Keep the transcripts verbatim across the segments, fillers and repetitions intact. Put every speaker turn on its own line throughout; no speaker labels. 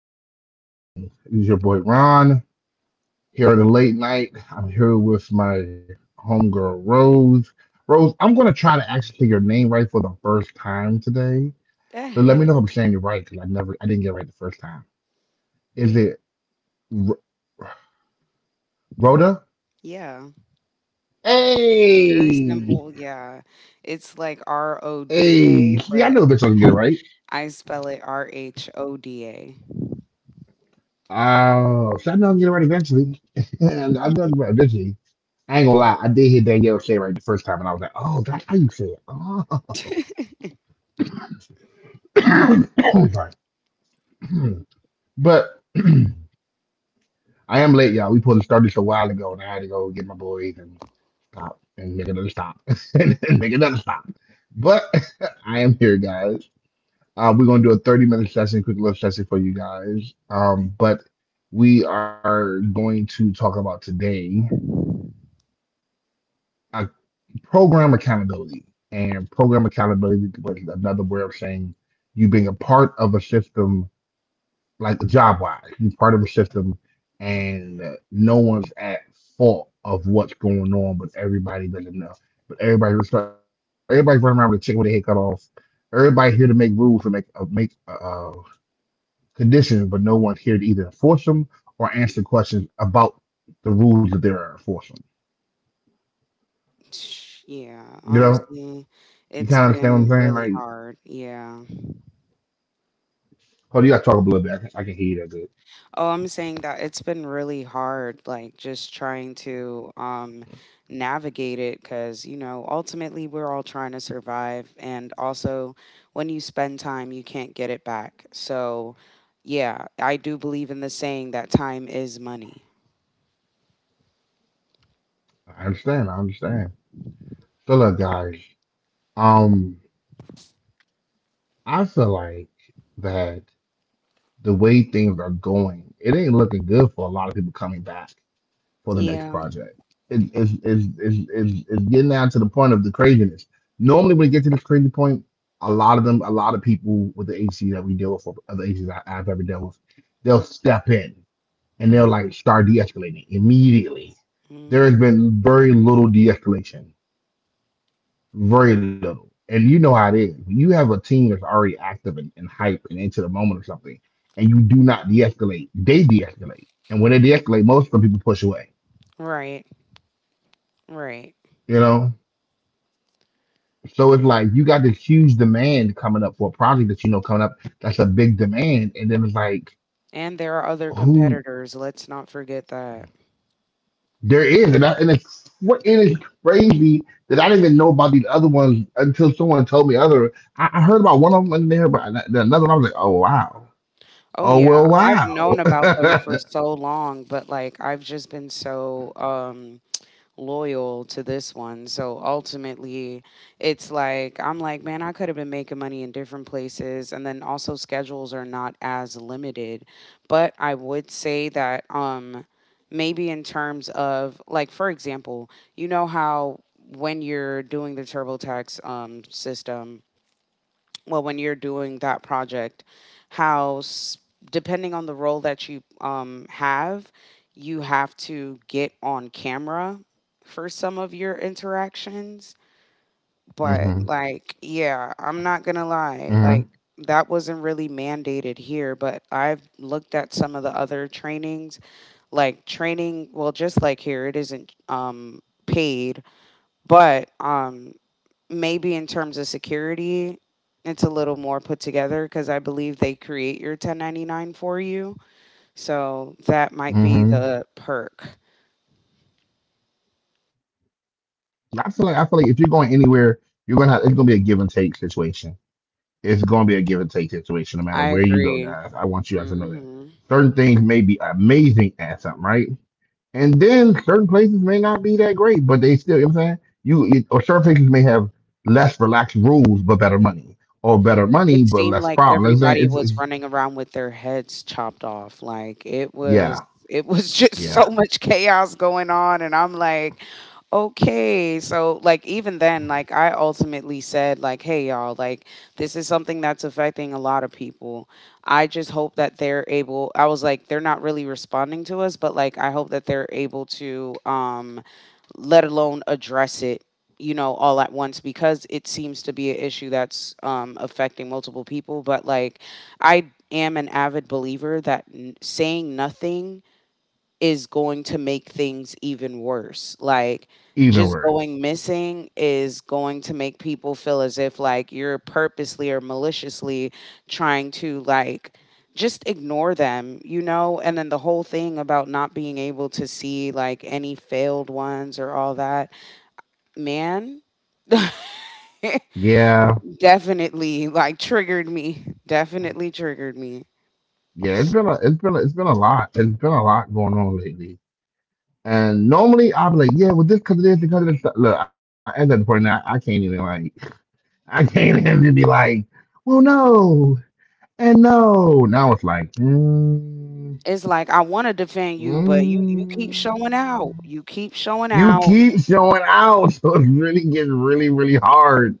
everybody. Good evening. It's your boy Ron here at the late night. I'm here with my homegirl Rose. Rose, I'm gonna try to actually say your name right for the first time today. So let me
Eh,
know if I'm saying it right because I never, I didn't get it right the first time. Is it R- Rhoda?
yeah, it's very
Hey,
simple, yeah. It's like
hey. See, I
R O D A,
know bitch
but
I can get it right.
I spell it R H O D A.
Uh, so I know I can get it right eventually. And I know I can get it right eventually. I ain't gonna lie, I did hear Danielle say it right the first time, and I was like, "Oh, that's how you say it." Sorry. But I am late, y'all. We pulled to start this a while ago, and I had to go get my boys and stop and make another stop and make another stop. But I am here, guys. Uh, we're gonna do a thirty minute session, quick little session for you guys. Um, but we are going to talk about today uh, program accountability, and program accountability was another way of saying you being a part of a system, like job wise. He's part of a system, and no one's at fault of what's going on, but everybody doesn't know. But everybody, everybody's running around with a chicken with their head cut off. Everybody here to make rules and make uh, make uh, conditions, but no one's here to either enforce them or answer questions about the rules that they're enforcing.
Yeah,
You know,
honestly,
you kind
it's
of understand what I'm
been
saying?
really
Like,
hard, yeah.
oh, you got to talk a little bit. I can, I can hear you that good.
Oh, I'm saying that it's been really hard, like just trying to um, navigate it because, you know, ultimately we're all trying to survive. And also, when you spend time, you can't get it back. So, yeah, I do believe in the saying that time is money.
I understand. I understand. So look, guys. Um, I feel like that. The way things are going, it ain't looking good for a lot of people coming back for the next
Yeah.
project. It, it's, it's, it's, it's, it's getting down to the point of the craziness. Normally, when it gets to this crazy point, a lot of them, a lot of people with the A C that we deal with, or other A Cs I, I've ever dealt with, they'll step in and they'll like start de escalating immediately. There has
Hmm.
been very little de escalation, very little. And you know how it is. When you have a team that's already active and, and hype and into the moment or something, and you do not de escalate, they de escalate. And when they de escalate, most of the people push away,
Right. Right.
you know? So it's like you got this huge demand coming up for a project that you know coming up that's a big demand. And then it's like,
And there are other
who
competitors. Let's not forget that.
there is. And, I, and it's what and it's crazy that I didn't even know about these other ones until someone told me other. I, I heard about one of them and there, but another one, I was like, oh, wow.
Oh
Oh well,
yeah, I've known
wow.
about them for so long, but like I've just been so um loyal to this one. So ultimately, it's like I'm like, man, I could have been making money in different places, and then also schedules are not as limited. But I would say that um maybe in terms of like, for example, you know how when you're doing the TurboTax um system, well, when you're doing that project, how s- depending on the role that you um, have, you have to get on camera for some of your interactions.
Hmm.
But like, yeah, I'm not
Hmm.
gonna lie, like that wasn't really mandated here, but I've looked at some of the other trainings, like training. Well, just like here, it isn't um paid, but um maybe in terms of security, it's a little more put together because I believe they create your ten ninety-nine for you. So that might be
Hmm.
the perk.
I feel like I feel like if you're going anywhere, you're gonna have it's gonna be a give and take situation. It's gonna be a give and take situation no matter
I
where you go,
agree.
guys. I want you guys to know that
Hmm.
certain things may be amazing at something, right? And then certain places may not be that great, but they still, you know what I'm saying? You, you or certain places may have less relaxed rules but better money, or better money
It
but
seemed
less
like
problems. You know what
everybody
I'm saying?
was
It's, it's
running around with their heads chopped off, like, it was
yeah,
it was just so
yeah,
much chaos going on, and I'm like, "Okay." So, like, even then, like, I ultimately said, like, "Hey, y'all, like, this is something that's affecting a lot of people. I just hope that they're able." I was like, "They're not really responding to us, but, like, I hope that they're able to, um, let alone address it, you know, all at once, because it seems to be an issue that's um, affecting multiple people." But like, I am an avid believer that n- saying nothing is going to make things even worse. Like,
even
just going
worse.
missing is going to make people feel as if like you're purposely or maliciously trying to like just ignore them, you know? And then the whole thing about not being able to see like any failed ones or all that, man.
Yeah.
Definitely like triggered me. Definitely triggered me.
Yeah, it's been a, it's been a, it's been a lot. It's been a lot going on lately. And normally I'll be like, yeah, well, this because of this, because of this. Look, I- at that point now, I can't even like, I can't even be like, well, no, and no. Now it's like, mm,
It's like I want to defend you, but you you keep showing out.
mm.
You keep showing
You
out.
keep showing out, so it's really getting really, really hard,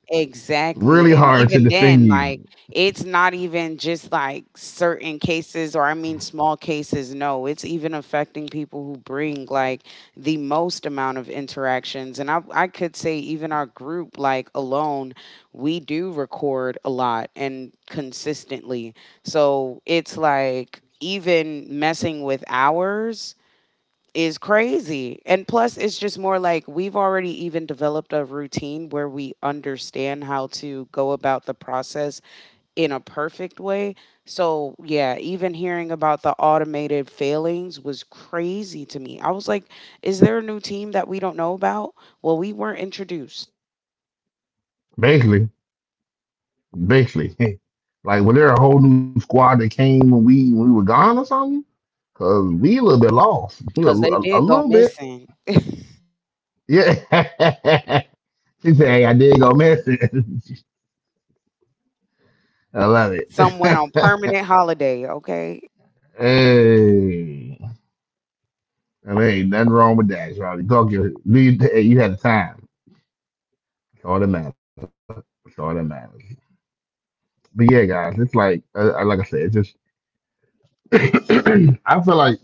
really
Exactly. And
hard to
even
defend
then, like,
you.
it's not even just like certain cases, or I mean, small cases. No, it's even affecting people who bring like the most amount of interactions. And I, I could say, even our group, like, alone, we do record a lot and consistently. So it's like, even messing with ours is crazy. And plus, it's just more like we've already even developed a routine where we understand how to go about the process in a perfect way. So, yeah, even hearing about the automated failings was crazy to me. I was like, is there a new team that we don't know about? Well, we weren't introduced
Basically, basically, like, was there a whole new squad that came when we when we were gone or something? Cause we a little bit lost. We a,
because they
a, a
did go
little bit.
missing.
Yeah. She said, hey, I did go missing. I love
Some went on
it.
permanent holiday, okay?
Hey. I mean, ain't nothing wrong with that, y'all. Talk your do you, hey, you had time. It's all that matters. It's all that matters. But yeah, guys, it's like uh, uh, like I said, it's just I feel like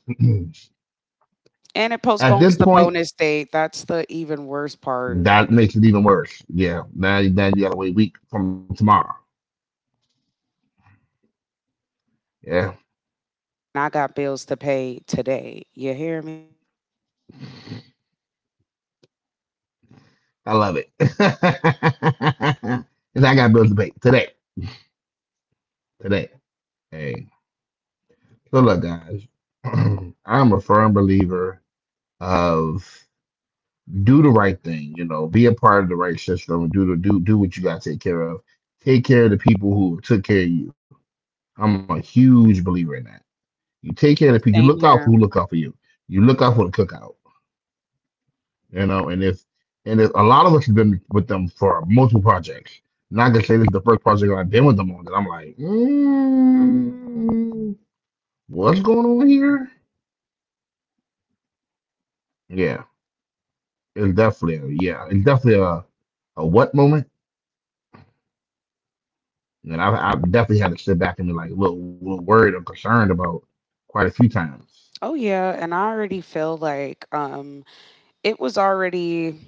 And it
at this
postpones the
point,
bonus date. That's the even worse part.
that makes it even worse. Yeah. Now, now you gotta wait a week from tomorrow. Yeah.
I got bills to pay today. You hear me?
I love it. And I got Bill's debate today. Today. Hey. So look, guys. I'm a firm believer of do the right thing, you know, be a part of the right system, do the do do what you gotta take care of. Take care of the people who took care of you. I'm a huge believer in that. You take care of the people, you look
Same
out for
here.
who look out for you. You look out for the cookout. You know, and it's and it's a lot of us have been with them for multiple projects. Not to say this is the first project I've been with them on that I'm like, mm, what's going on here? Yeah, it's definitely a, yeah, it's definitely a a what moment, and I've, I've definitely had to sit back and be like a little, little worried or concerned about quite a few times.
Oh yeah, and I already feel like um it was already,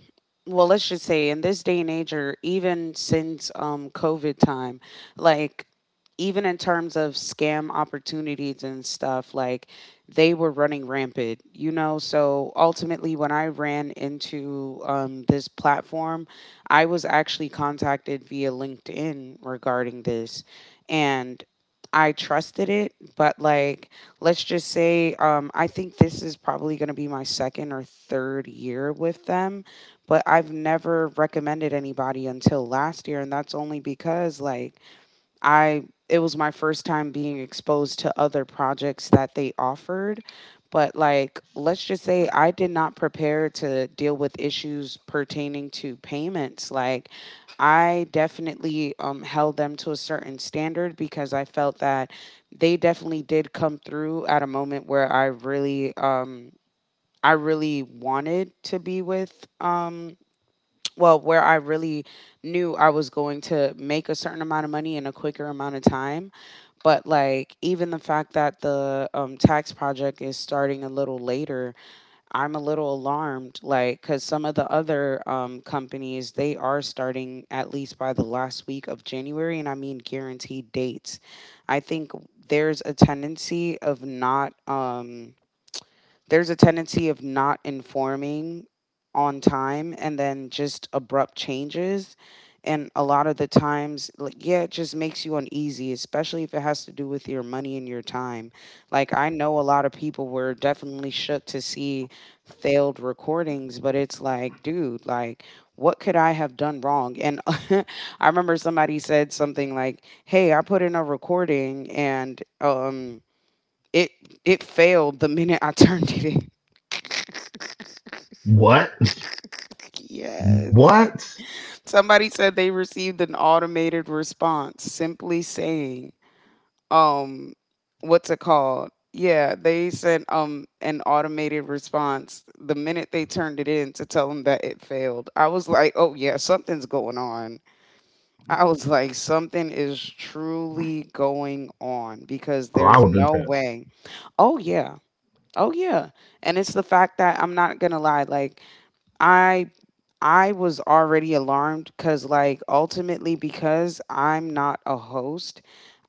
well, let's just say in this day and age, or even since um COVID time, like even in terms of scam opportunities and stuff, like they were running rampant, you know? So ultimately when I ran into um, this platform, I was actually contacted via LinkedIn regarding this, and I trusted it, but like, let's just say, um, I think this is probably going to be my second or third year with them, but I've never recommended anybody until last year. And that's only because, like, I, it was my first time being exposed to other projects that they offered. But, like, let's just say I did not prepare to deal with issues pertaining to payments. Like, I definitely um, held them to a certain standard because I felt that they definitely did come through at a moment where I really, um, I really wanted to be with um, well, where I really knew I was going to make a certain amount of money in a quicker amount of time. But like even the fact that the um, tax project is starting a little later, I'm a little alarmed. Like because some of the other um, companies, they are starting at least by the last week of January, and I mean guaranteed dates. I think there's a tendency of not. Um, there's a tendency of not informing on time, and then just abrupt changes. And a lot of the times, like, yeah, it just makes you uneasy, especially if it has to do with your money and your time. Like, I know a lot of people were definitely shook to see failed recordings, but it's like, dude, like, what could I have done wrong? And I remember somebody said something like, "Hey, I put in a recording and, um, it it failed the minute I turned it in."
What?
Yes.
What?
Somebody said they received an automated response simply saying, um, what's it called? Yeah, they sent um an automated response the minute they turned it in to tell them that it failed. I was like, "Oh yeah, something's going on." I was like, "Something is truly going on, because
Oh, I
there's
would have been
no way."
pissed.
Oh yeah. Oh yeah. And it's the fact that I'm not going to lie, like I I was already alarmed, cuz like ultimately because I'm not a host,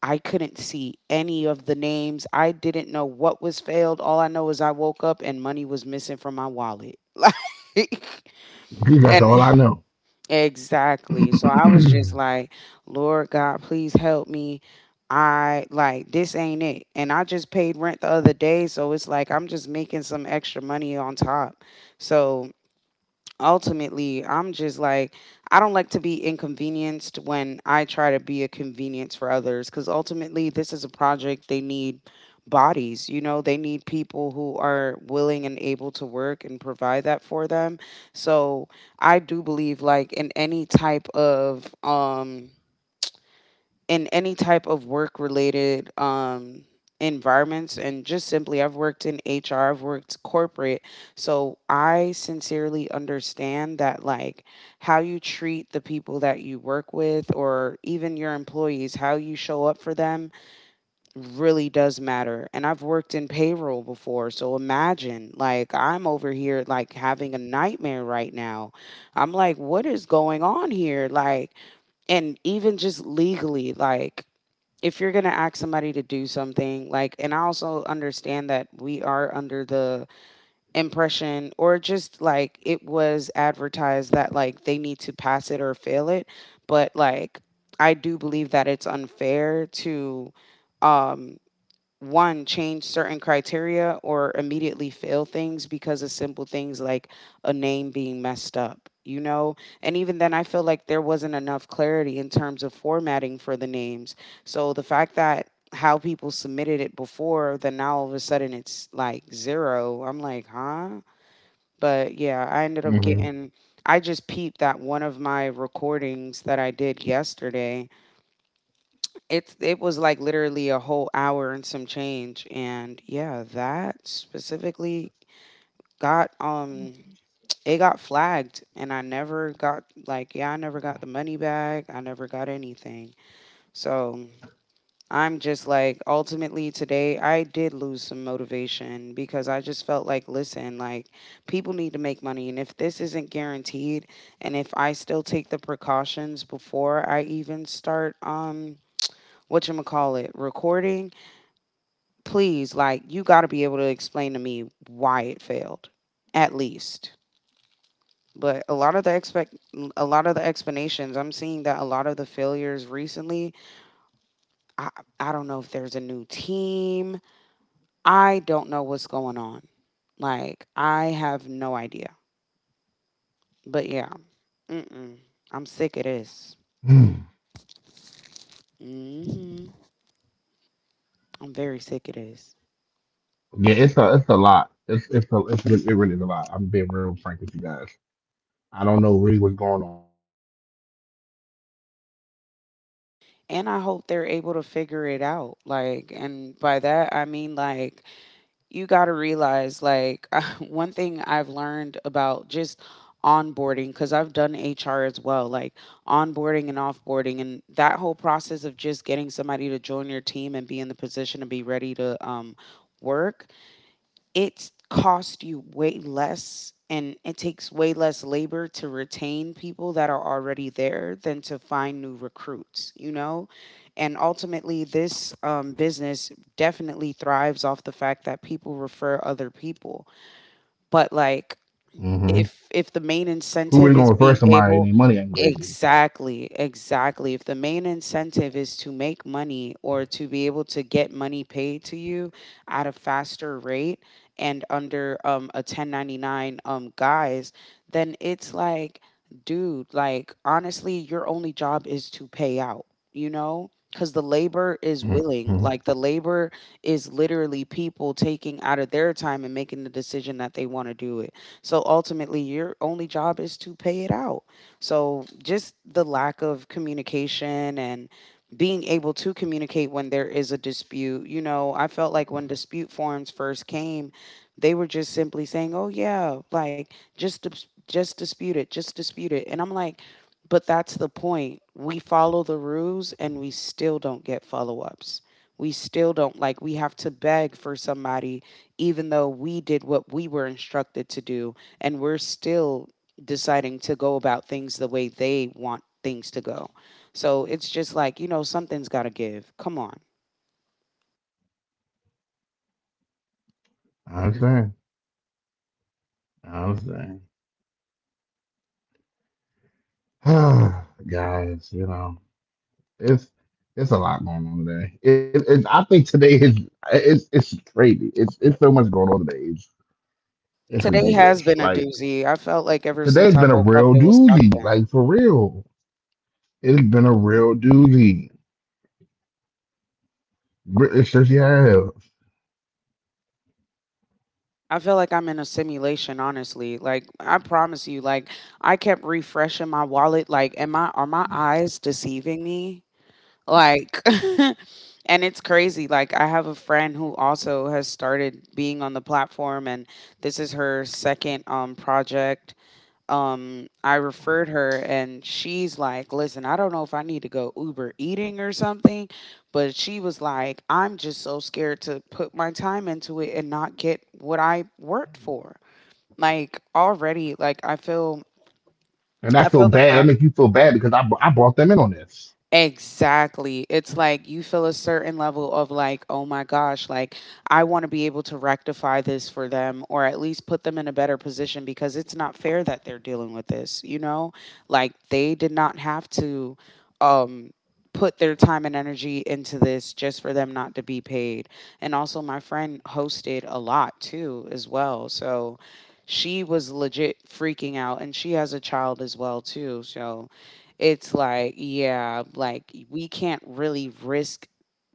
I couldn't see any of the names. I didn't know what was failed. All I know is I woke up and money was missing from my wallet. Like
That's
and
all I know.
exactly. So I was just like, "Lord God, please help me." I like this ain't it. And I just paid rent the other day, so it's like I'm just making some extra money on top. So ultimately I'm just like, I don't like to be inconvenienced when I try to be a convenience for others, because ultimately this is a project they need bodies, you know, they need people who are willing and able to work and provide that for them. So I do believe like in any type of um in any type of work related um environments, and just simply, I've worked in H R, I've worked corporate. So I sincerely understand that like how you treat the people that you work with, or even your employees, how you show up for them really does matter. And I've worked in payroll before, so imagine like I'm over here like having a nightmare right now. I'm like, what is going on here? Like and even just legally, like if you're going to ask somebody to do something, like, and I also understand that we are under the impression, or just like it was advertised, that like they need to pass it or fail it, but like I do believe that it's unfair to um one, change certain criteria or immediately fail things because of simple things like a name being messed up, you know? And even then, I feel like there wasn't enough clarity in terms of formatting for the names. So the fact that how people submitted it before, then now all of a sudden it's like zero, I'm like, huh? But yeah, I ended up
Hmm.
getting, I just peeped that one of my recordings that I did yesterday, it's it was like literally a whole hour and some change, and yeah, that specifically got um it got flagged, and I never got, like, yeah, I never got the money back. I never got anything. So I'm just like ultimately today I did lose some motivation, because I just felt like, listen, like people need to make money, and if this isn't guaranteed, and if I still take the precautions before I even start um what you call it, recording, please, like, you got to be able to explain to me why it failed, at least. But a lot of the expect, a lot of the explanations, I'm seeing that a lot of the failures recently, I, I don't know if there's a new team. I don't know what's going on. Like, I have no idea. But yeah, mm-mm. I'm sick of this. Hmm. I'm very sick of this.
Yeah, it's a it's a lot. It's it's a it's re- it really is a lot. I'm being real frank with you guys. I don't know really what's going on.
And I hope they're able to figure it out. Like, and by that, I mean, like, you got to realize like one thing I've learned about just onboarding, because I've done H R as well, like onboarding and offboarding, and that whole process of just getting somebody to join your team and be in the position to be ready to um, work. It's cost you way less and it takes way less labor to retain people that are already there than to find new recruits, you know? And ultimately, this um, business definitely thrives off the fact that people refer other people. But like,
Hmm.
if if the main
Who really
incentive
going to
is
refer
being
Somebody and
able.
their money ain't crazy.
Exactly, exactly. If the main incentive is to make money or to be able to get money paid to you at a faster rate and under um a ten ninety-nine um guise, then it's like, dude, like honestly your only job is to pay out, you know, because the labor is
Hmm.
willing. Like, the labor is literally people taking out of their time and making the decision that they want to do it. So ultimately, your only job is to pay it out. So just the lack of communication and being able to communicate when there is a dispute. You know, I felt like when dispute forms first came, they were just simply saying, "Oh yeah, like just dis- just dispute it, just dispute it." And I'm like, but that's the point. We follow the rules and we still don't get follow-ups. We still don't, like, we have to beg for somebody even though we did what we were instructed to do, and we're still deciding to go about things the way they want things to go. So it's just like, you know, something's got to give. Come on.
I understand. I understand. Guys, you know, it's it's a lot going on today. It, it I think today is it's it's crazy. It's it's so much going on today. It's it's
Today has
ridiculous.
been a
Like
doozy. I felt like ever since
today's
I
been a
woke up,
real
it was
doozy.
something.
Like for real, it's been a real doozy. Re- It seriously has.
I feel like I'm in a simulation, honestly. Like I promise you, like I kept refreshing my wallet. Like, am I are my eyes deceiving me? Like, and it's crazy. Like, I have a friend who also has started being on the platform, and this is her second um, project. Um, I referred her, and she's like, "Listen, I don't know if I need to go Uber eating or something," but she was like, "I'm just so scared to put my time into it and not get what I worked for." Like, already, like, I feel.
And I
I
feel
feel the
bad. That
fact
make you feel bad because I, I brought them in on this.
Exactly. It's like you feel a certain level of, like, oh my gosh, like I want to be able to rectify this for them or at least put them in a better position because it's not fair that they're dealing with this, you know? Like they did not have to um put their time and energy into this just for them not to be paid. And also my friend hosted a lot too as well. So she was legit freaking out and she has a child as well too. So it's like, yeah, like we can't really risk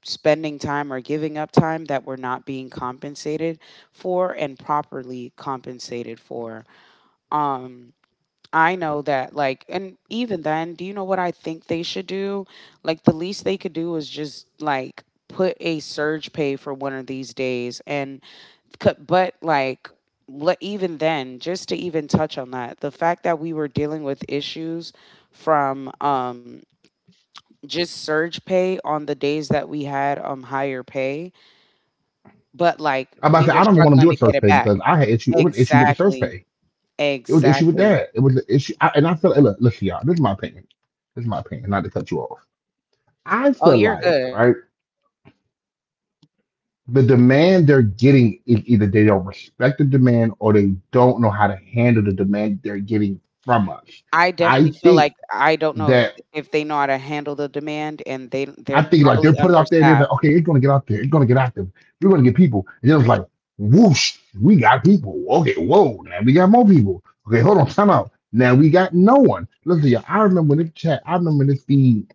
spending time or giving up time that we're not being compensated for and properly compensated for. Um I know that, like, and even then, do you know what I think they should do? Like the least they could do is just like put a surge pay for one of these days and c- but like le- even then, just to even touch on that, the fact that we were dealing with issues from um just surge pay on the days that we had um higher pay, but
I'm about
like
to say, I don't
we
even
were
want them doing
struggling
church
to
pay
get it
because
back.
I had issue. It was an issue with the church
Exactly.
pay. It was an issue with
Exactly.
that. It was an issue. I, and I feel like, look, listen, y'all, this is my opinion. This is my opinion, not to cut you off. I
Oh,
feel
you're
like,
good.
right, the demand they're getting is either they don't respect the demand or they don't know how to handle the demand they're getting from us.
I
I
definitely feel like
think
I don't know if,
that.
if they know how to handle the demand, and they
I
they're
think like
probably
they're put it out there and they're
understaffed.
like, okay, it's gonna get out there, it's gonna get out there, we're gonna get people. And it was like, whoosh, we got people. Okay, whoa, now we got more people. Okay, hold on, time out. Now we got no one. Listen, y'all, I remember when this chat, I remember this feed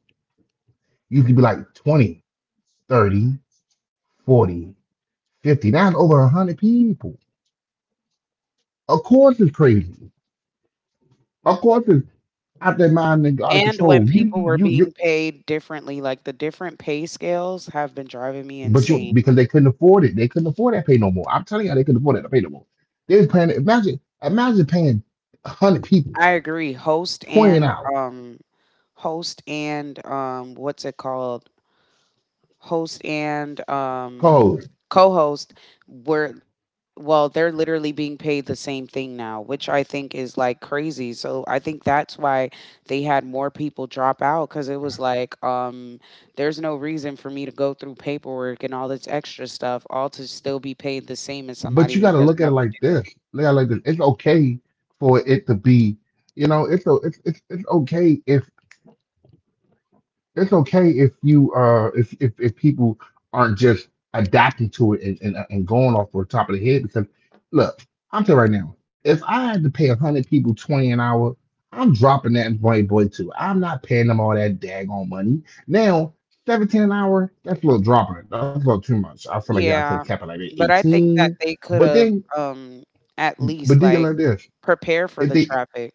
used to be like twenty, thirty, forty, fifty. Now it's over one hundred people. Of course it's crazy. Of course it's out their mind and out of
And when
control. You,
people were
you, you
being paid differently, like the different pay scales have been driving me
But you
insane.
because they couldn't afford it. They couldn't afford that pay no more. I'm telling you, they couldn't afford that to pay no more. They was paying imagine imagine paying hundred
I
people,
agree. Host and
twenty an hour.
um host and um what's it called? Host and um,
Cold.
co-host were, well, they're literally being paid the same thing now, which I think is like crazy, so I think that's why they had more people drop out because it was like, um there's no reason for me to go through paperwork and all this extra stuff all to still be paid the same as
But
somebody
you
who
gotta look
doesn't
at it
have to
like
do it.
this. Look at it like this. It's okay for it to be, you know, it's o- it's it's, it's okay if. It's okay if you uh if if, if people aren't just adapting to it, and, and and going off the top of the head because look, I'm telling you right now, if I had to pay one hundred people twenty an hour, I'm dropping that. And boy, boy too, I'm not paying them all that daggone money. Now seventeen an hour, that's a little dropping it. That's a little too much. I feel like y'all could have kept
Yeah,
it like at
but I think
eighteen.
that they could
but
have
then
um at
but
least
then you
like
like this
prepare for
if
the
they
traffic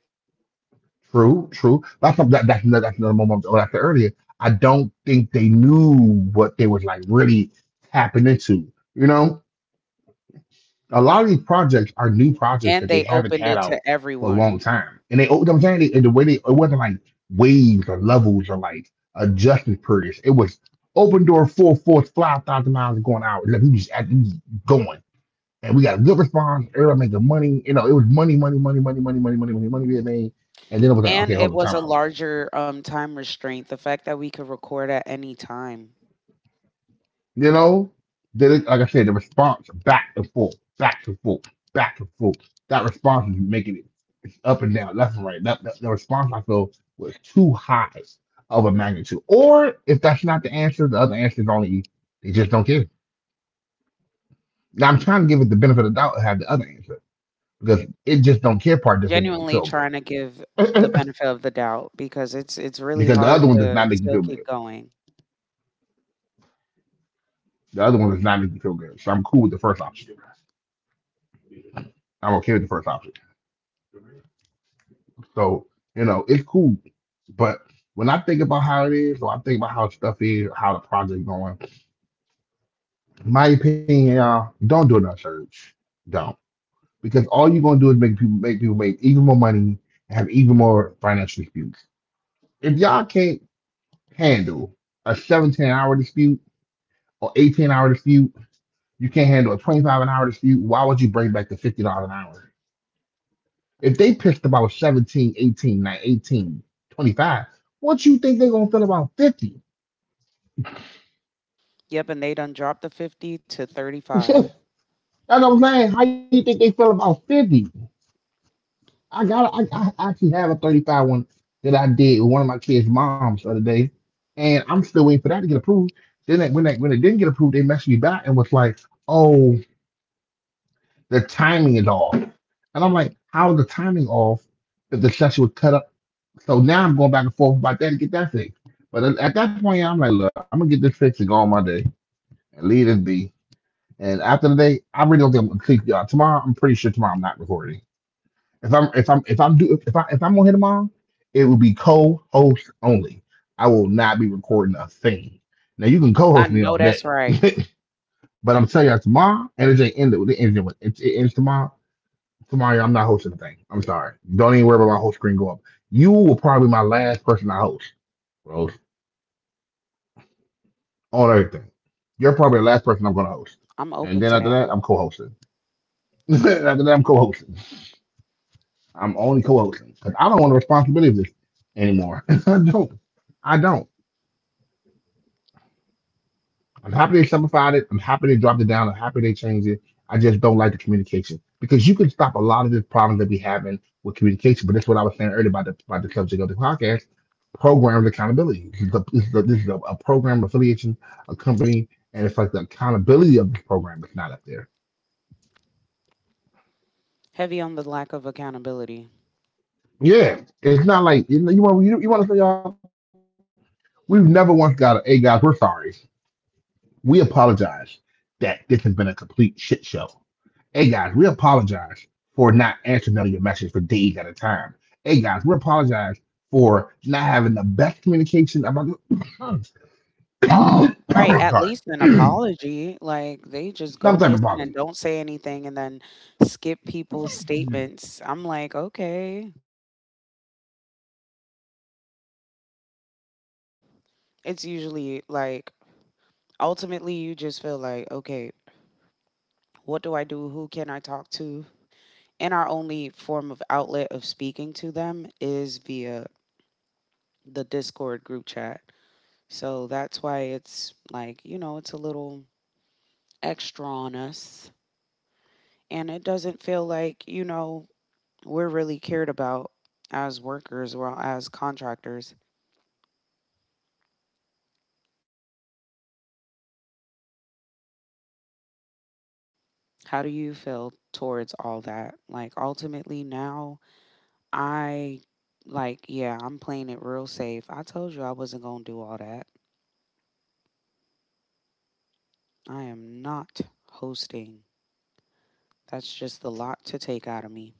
true, true. That's some- that, that's another, that's another moment I was after earlier. I don't think they knew what they was like really tapping into. You know, a lot of these projects are new projects that
and
they
they
haven't
opened
had
it
out
to
for a long
everyone.
time, and they, you I'm saying, they, and the way they, it wasn't like waves or levels or like adjustment periods. It was open door, full force, five thousand miles going out. Like we just, at- we just going, and we got a good response. Everybody making money. You know, it was money, money, money, money, money, money, money, money, money being made, and then it was like,
And
okay, hold
it
on,
was a
timeout.
larger, um, time restraint, the fact that we could record at any time.
You know, then like I said, the response back and forth, back and forth, back and forth. That response is making it it's up and down, left and right. That, that- the response I feel was too high of a magnitude. Or if that's not the answer, the other answer is only they just don't care. Now I'm trying to give it the benefit of the doubt and have the other answer because it just don't care part doesn't make me
Genuinely
feel
trying to give
good
the benefit of the doubt because it's it's really
because the
hard
other one does
to
not make me
still
feel
keep
good.
going.
The other one does not make me feel good, so I'm cool with the first option. I'm okay with the first option. So, you know, it's cool. But when I think about how it is, or I think about how stuff is, how the project going, my opinion, y'all, don't do no search. Don't. Because all you're gonna do is make people make people make even more money and have even more financial disputes. If y'all can't handle a seventeen hour dispute or eighteen hour dispute, you can't handle a twenty-five an hour dispute, why would you bring back the fifty dollars an hour? If they pissed about seventeen, eighteen, nine, eighteen, twenty-five, what you think they're gonna feel about fifty?
Yep, and they done dropped the fifty to
Yeah,
thirty-five.
that's what I'm saying. How you think they feel about fifty? I got I, I actually have a thirty-five one that I did with one of my kids' moms the other day, and I'm still waiting for that to get approved. Then they, when they, When it didn't get approved, they messaged me back and was like, "Oh, the timing is off." And I'm like, "How is the timing off if the session was cut up?" So now I'm going back and forth about that to get that fixed. But at at that point, I'm like, "Look, I'm gonna get this fixed and go on my day and leave this be." And after the day, I really don't think I'm gonna click y'all. Tomorrow, I'm pretty sure tomorrow I'm not recording. If I'm if I'm if I'm do if I if I'm on here tomorrow, it will be co-host only. I will not be recording a thing. Now you can
I
co-host me
know
all
that's
day,
right.
but I'm telling you tomorrow, and it ain't ended. It ends with it, it ends tomorrow. Tomorrow I'm not hosting the thing. I'm sorry. Don't even worry about my host screen go up. You will probably be my last person I host, bro. On everything, you're probably the last person I'm gonna host,
I'm
and
open
then
to
after
that.
that I'm co-hosting. After that I'm co-hosting. I'm only co-hosting because I don't want the responsibility of this anymore. I don't. I don't. I'm happy they simplified it. I'm happy they dropped it down. I'm happy they changed it. I just don't like the communication because you can stop a lot of the problems that we having with communication. But that's what I was saying earlier about the about the subject of the podcast. Programmed accountability. This is, the, this is, the, this is a, a program affiliation, a company, and it's like the accountability of this program is not up there.
Heavy on the lack of accountability.
Yeah, it's not like you know, you want you, you want to say y'all. We've never once got a hey guys, we're sorry. We apologize that this has been a complete shit show. Hey guys, we apologize for not answering none of your messages for days at a time. Hey guys, we apologize for not having the best communication about this. Oh,
Right, at
sorry.
least an apology, like, they just
Some
go
type of
missing and
apology.
don't say anything and then skip people's statements. I'm like, "Okay." It's usually, like, ultimately you just feel like, okay, what do I do, who can I talk to, and our only form of outlet of speaking to them is via the Discord group chat. So that's why it's like, you know, it's a little extra on us, and it doesn't feel like, you know, we're really cared about as workers or as contractors. How do you feel towards all that, like ultimately now? I Like, yeah, I'm playing it real safe. I told you I wasn't going to do all that. I am not hosting. That's just a lot to take out of me.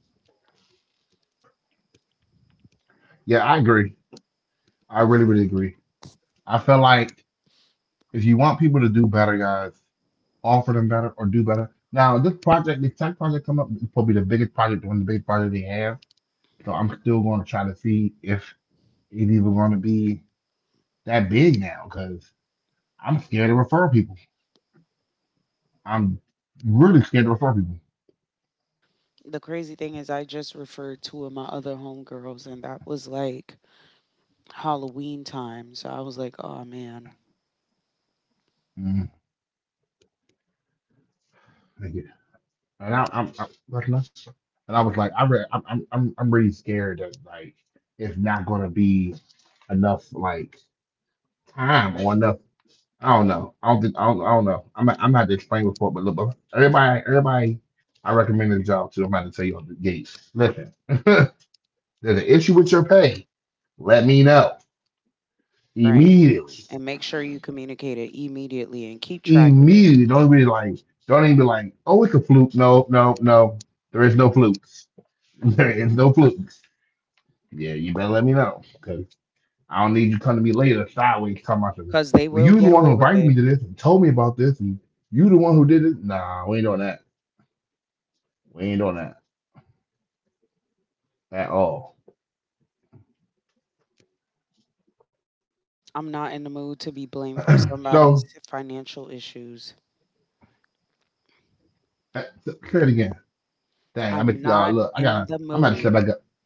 Yeah, I agree. I really, really agree. I feel like if you want people to do better, guys, offer them better or do better. Now, this project, this tech project come up, is probably the biggest project, one of the biggest projects they have. So I'm still going to try to see if it even going to be that big now. Because I'm scared to refer people. I'm really scared to refer people.
The crazy thing is, I just referred two of my other homegirls, and that was like Halloween time. So I was like, oh man,
Mm, thank you. And I, I'm, I, recognize. And I was like, I re- I'm, I'm, I'm I'm really scared that like it's not going to be enough like time or enough. I don't know. I don't think. I don't, I don't know. I'm. not- I'm not to explain before, but look, but everybody, everybody, I recommend the job to. I'm about to tell you on the gates. Listen, there's an issue with your pay. Let me know
right.
immediately.
And make sure you communicate it immediately and keep track of it
Immediately, don't even be like, don't even be like, oh, it's a fluke. No, no, no. There is no flukes. There is no flukes. Yeah, you better let me know because I don't need you coming to me later sideways talking about some.
because they
Well,
will
you the
get
one who
away with
invited me
it.
to this and told me about this, and you the one who did it. Nah, we ain't doing that. We ain't doing that at all.
I'm not in the mood to be blamed for somebody's
So,
financial issues.
uh, so say it again.
I'm
Dang, I mean,
not
y'all look. I
in the
got. I'm
mood
about to step back up.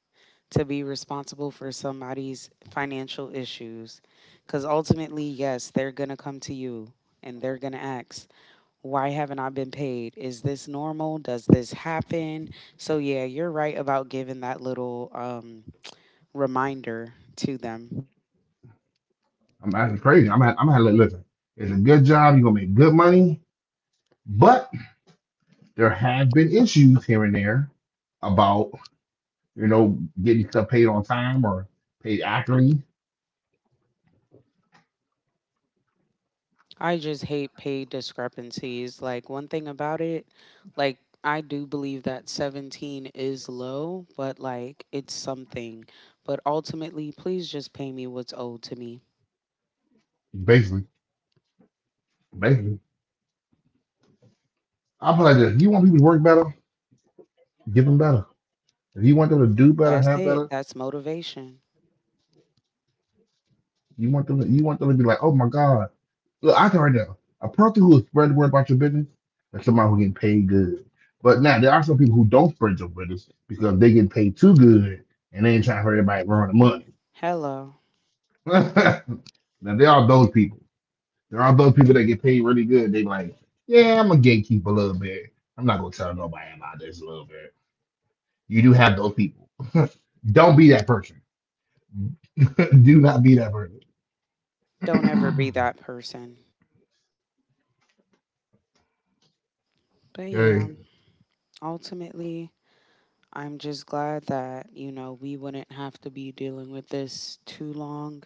to be responsible for somebody's financial issues. Because ultimately, yes, they're going to come to you and they're going to ask, why haven't I been paid? Is this normal? Does this happen? So, yeah, you're right about giving that little um, reminder to them.
I'm acting crazy. I'm. At, I'm. At, listen. It's a good job. You are gonna make good money, but there have been issues here and there about you know getting stuff paid on time or paid accurately.
I just hate pay discrepancies. Like, one thing about it, like, I do believe that seventeen is low, but like, it's something. But ultimately, please just pay me what's owed to me.
Basically, basically, I'm like this. If you want people to work better, give them better. If you want them to do better,
That's
have
it.
better.
That's motivation.
You want them. To, you want them to be like, oh my god, look, I can right now. A person who will spread the word about your business, that's somebody who getting paid good. But now there are some people who don't spread your business because they get paid too good and they ain't trying for everybody to earn the money.
Hello.
Now there are those people. There are those people that get paid really good. They like, yeah, I'm a gatekeeper a little bit. I'm not gonna tell nobody about this a little bit. You do have those people. Don't be that person. Do not be that person.
Don't ever be that person. But
Okay.
yeah, ultimately, I'm just glad that, you know, we wouldn't have to be dealing with this too long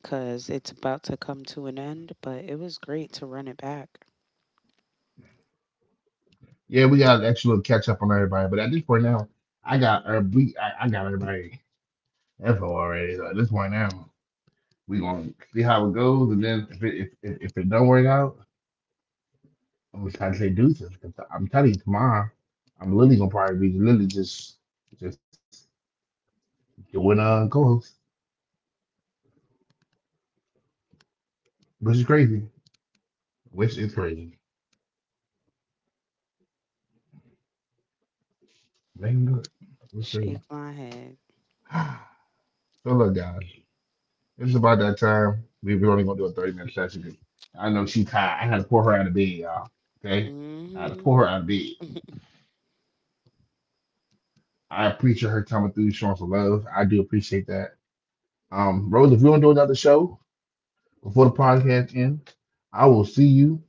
because it's about to come to an end. But it was great to run it back.
Yeah, we got an extra little catch up on everybody, but at this point now, I got uh, we, I, I got everybody info already. So at this point now, we gonna see how it goes, and then if it if, if, if it don't work out, I'm gonna try to say deuces. 'Cause I'm telling you, tomorrow, I'm literally gonna probably be literally just just It went uh co-host, which is crazy, which is crazy. They can do it. It's crazy.
Shake my head.
So look, guys, it's about that time. We we're only gonna do a thirty minute session. 'Cause I know she tired. I had to pull her out of bed, y'all. Okay, I had to
Mm
pull her out of bed.
hmm.
I appreciate her coming through, showing some love. I do appreciate that. Um, Rose, if you want to do another show before the podcast ends, I will see you.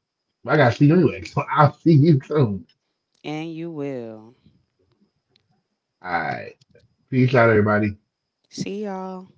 I gotta see you anyway, so I'll see you soon.
And you will.
All right, peace out, everybody.
See y'all.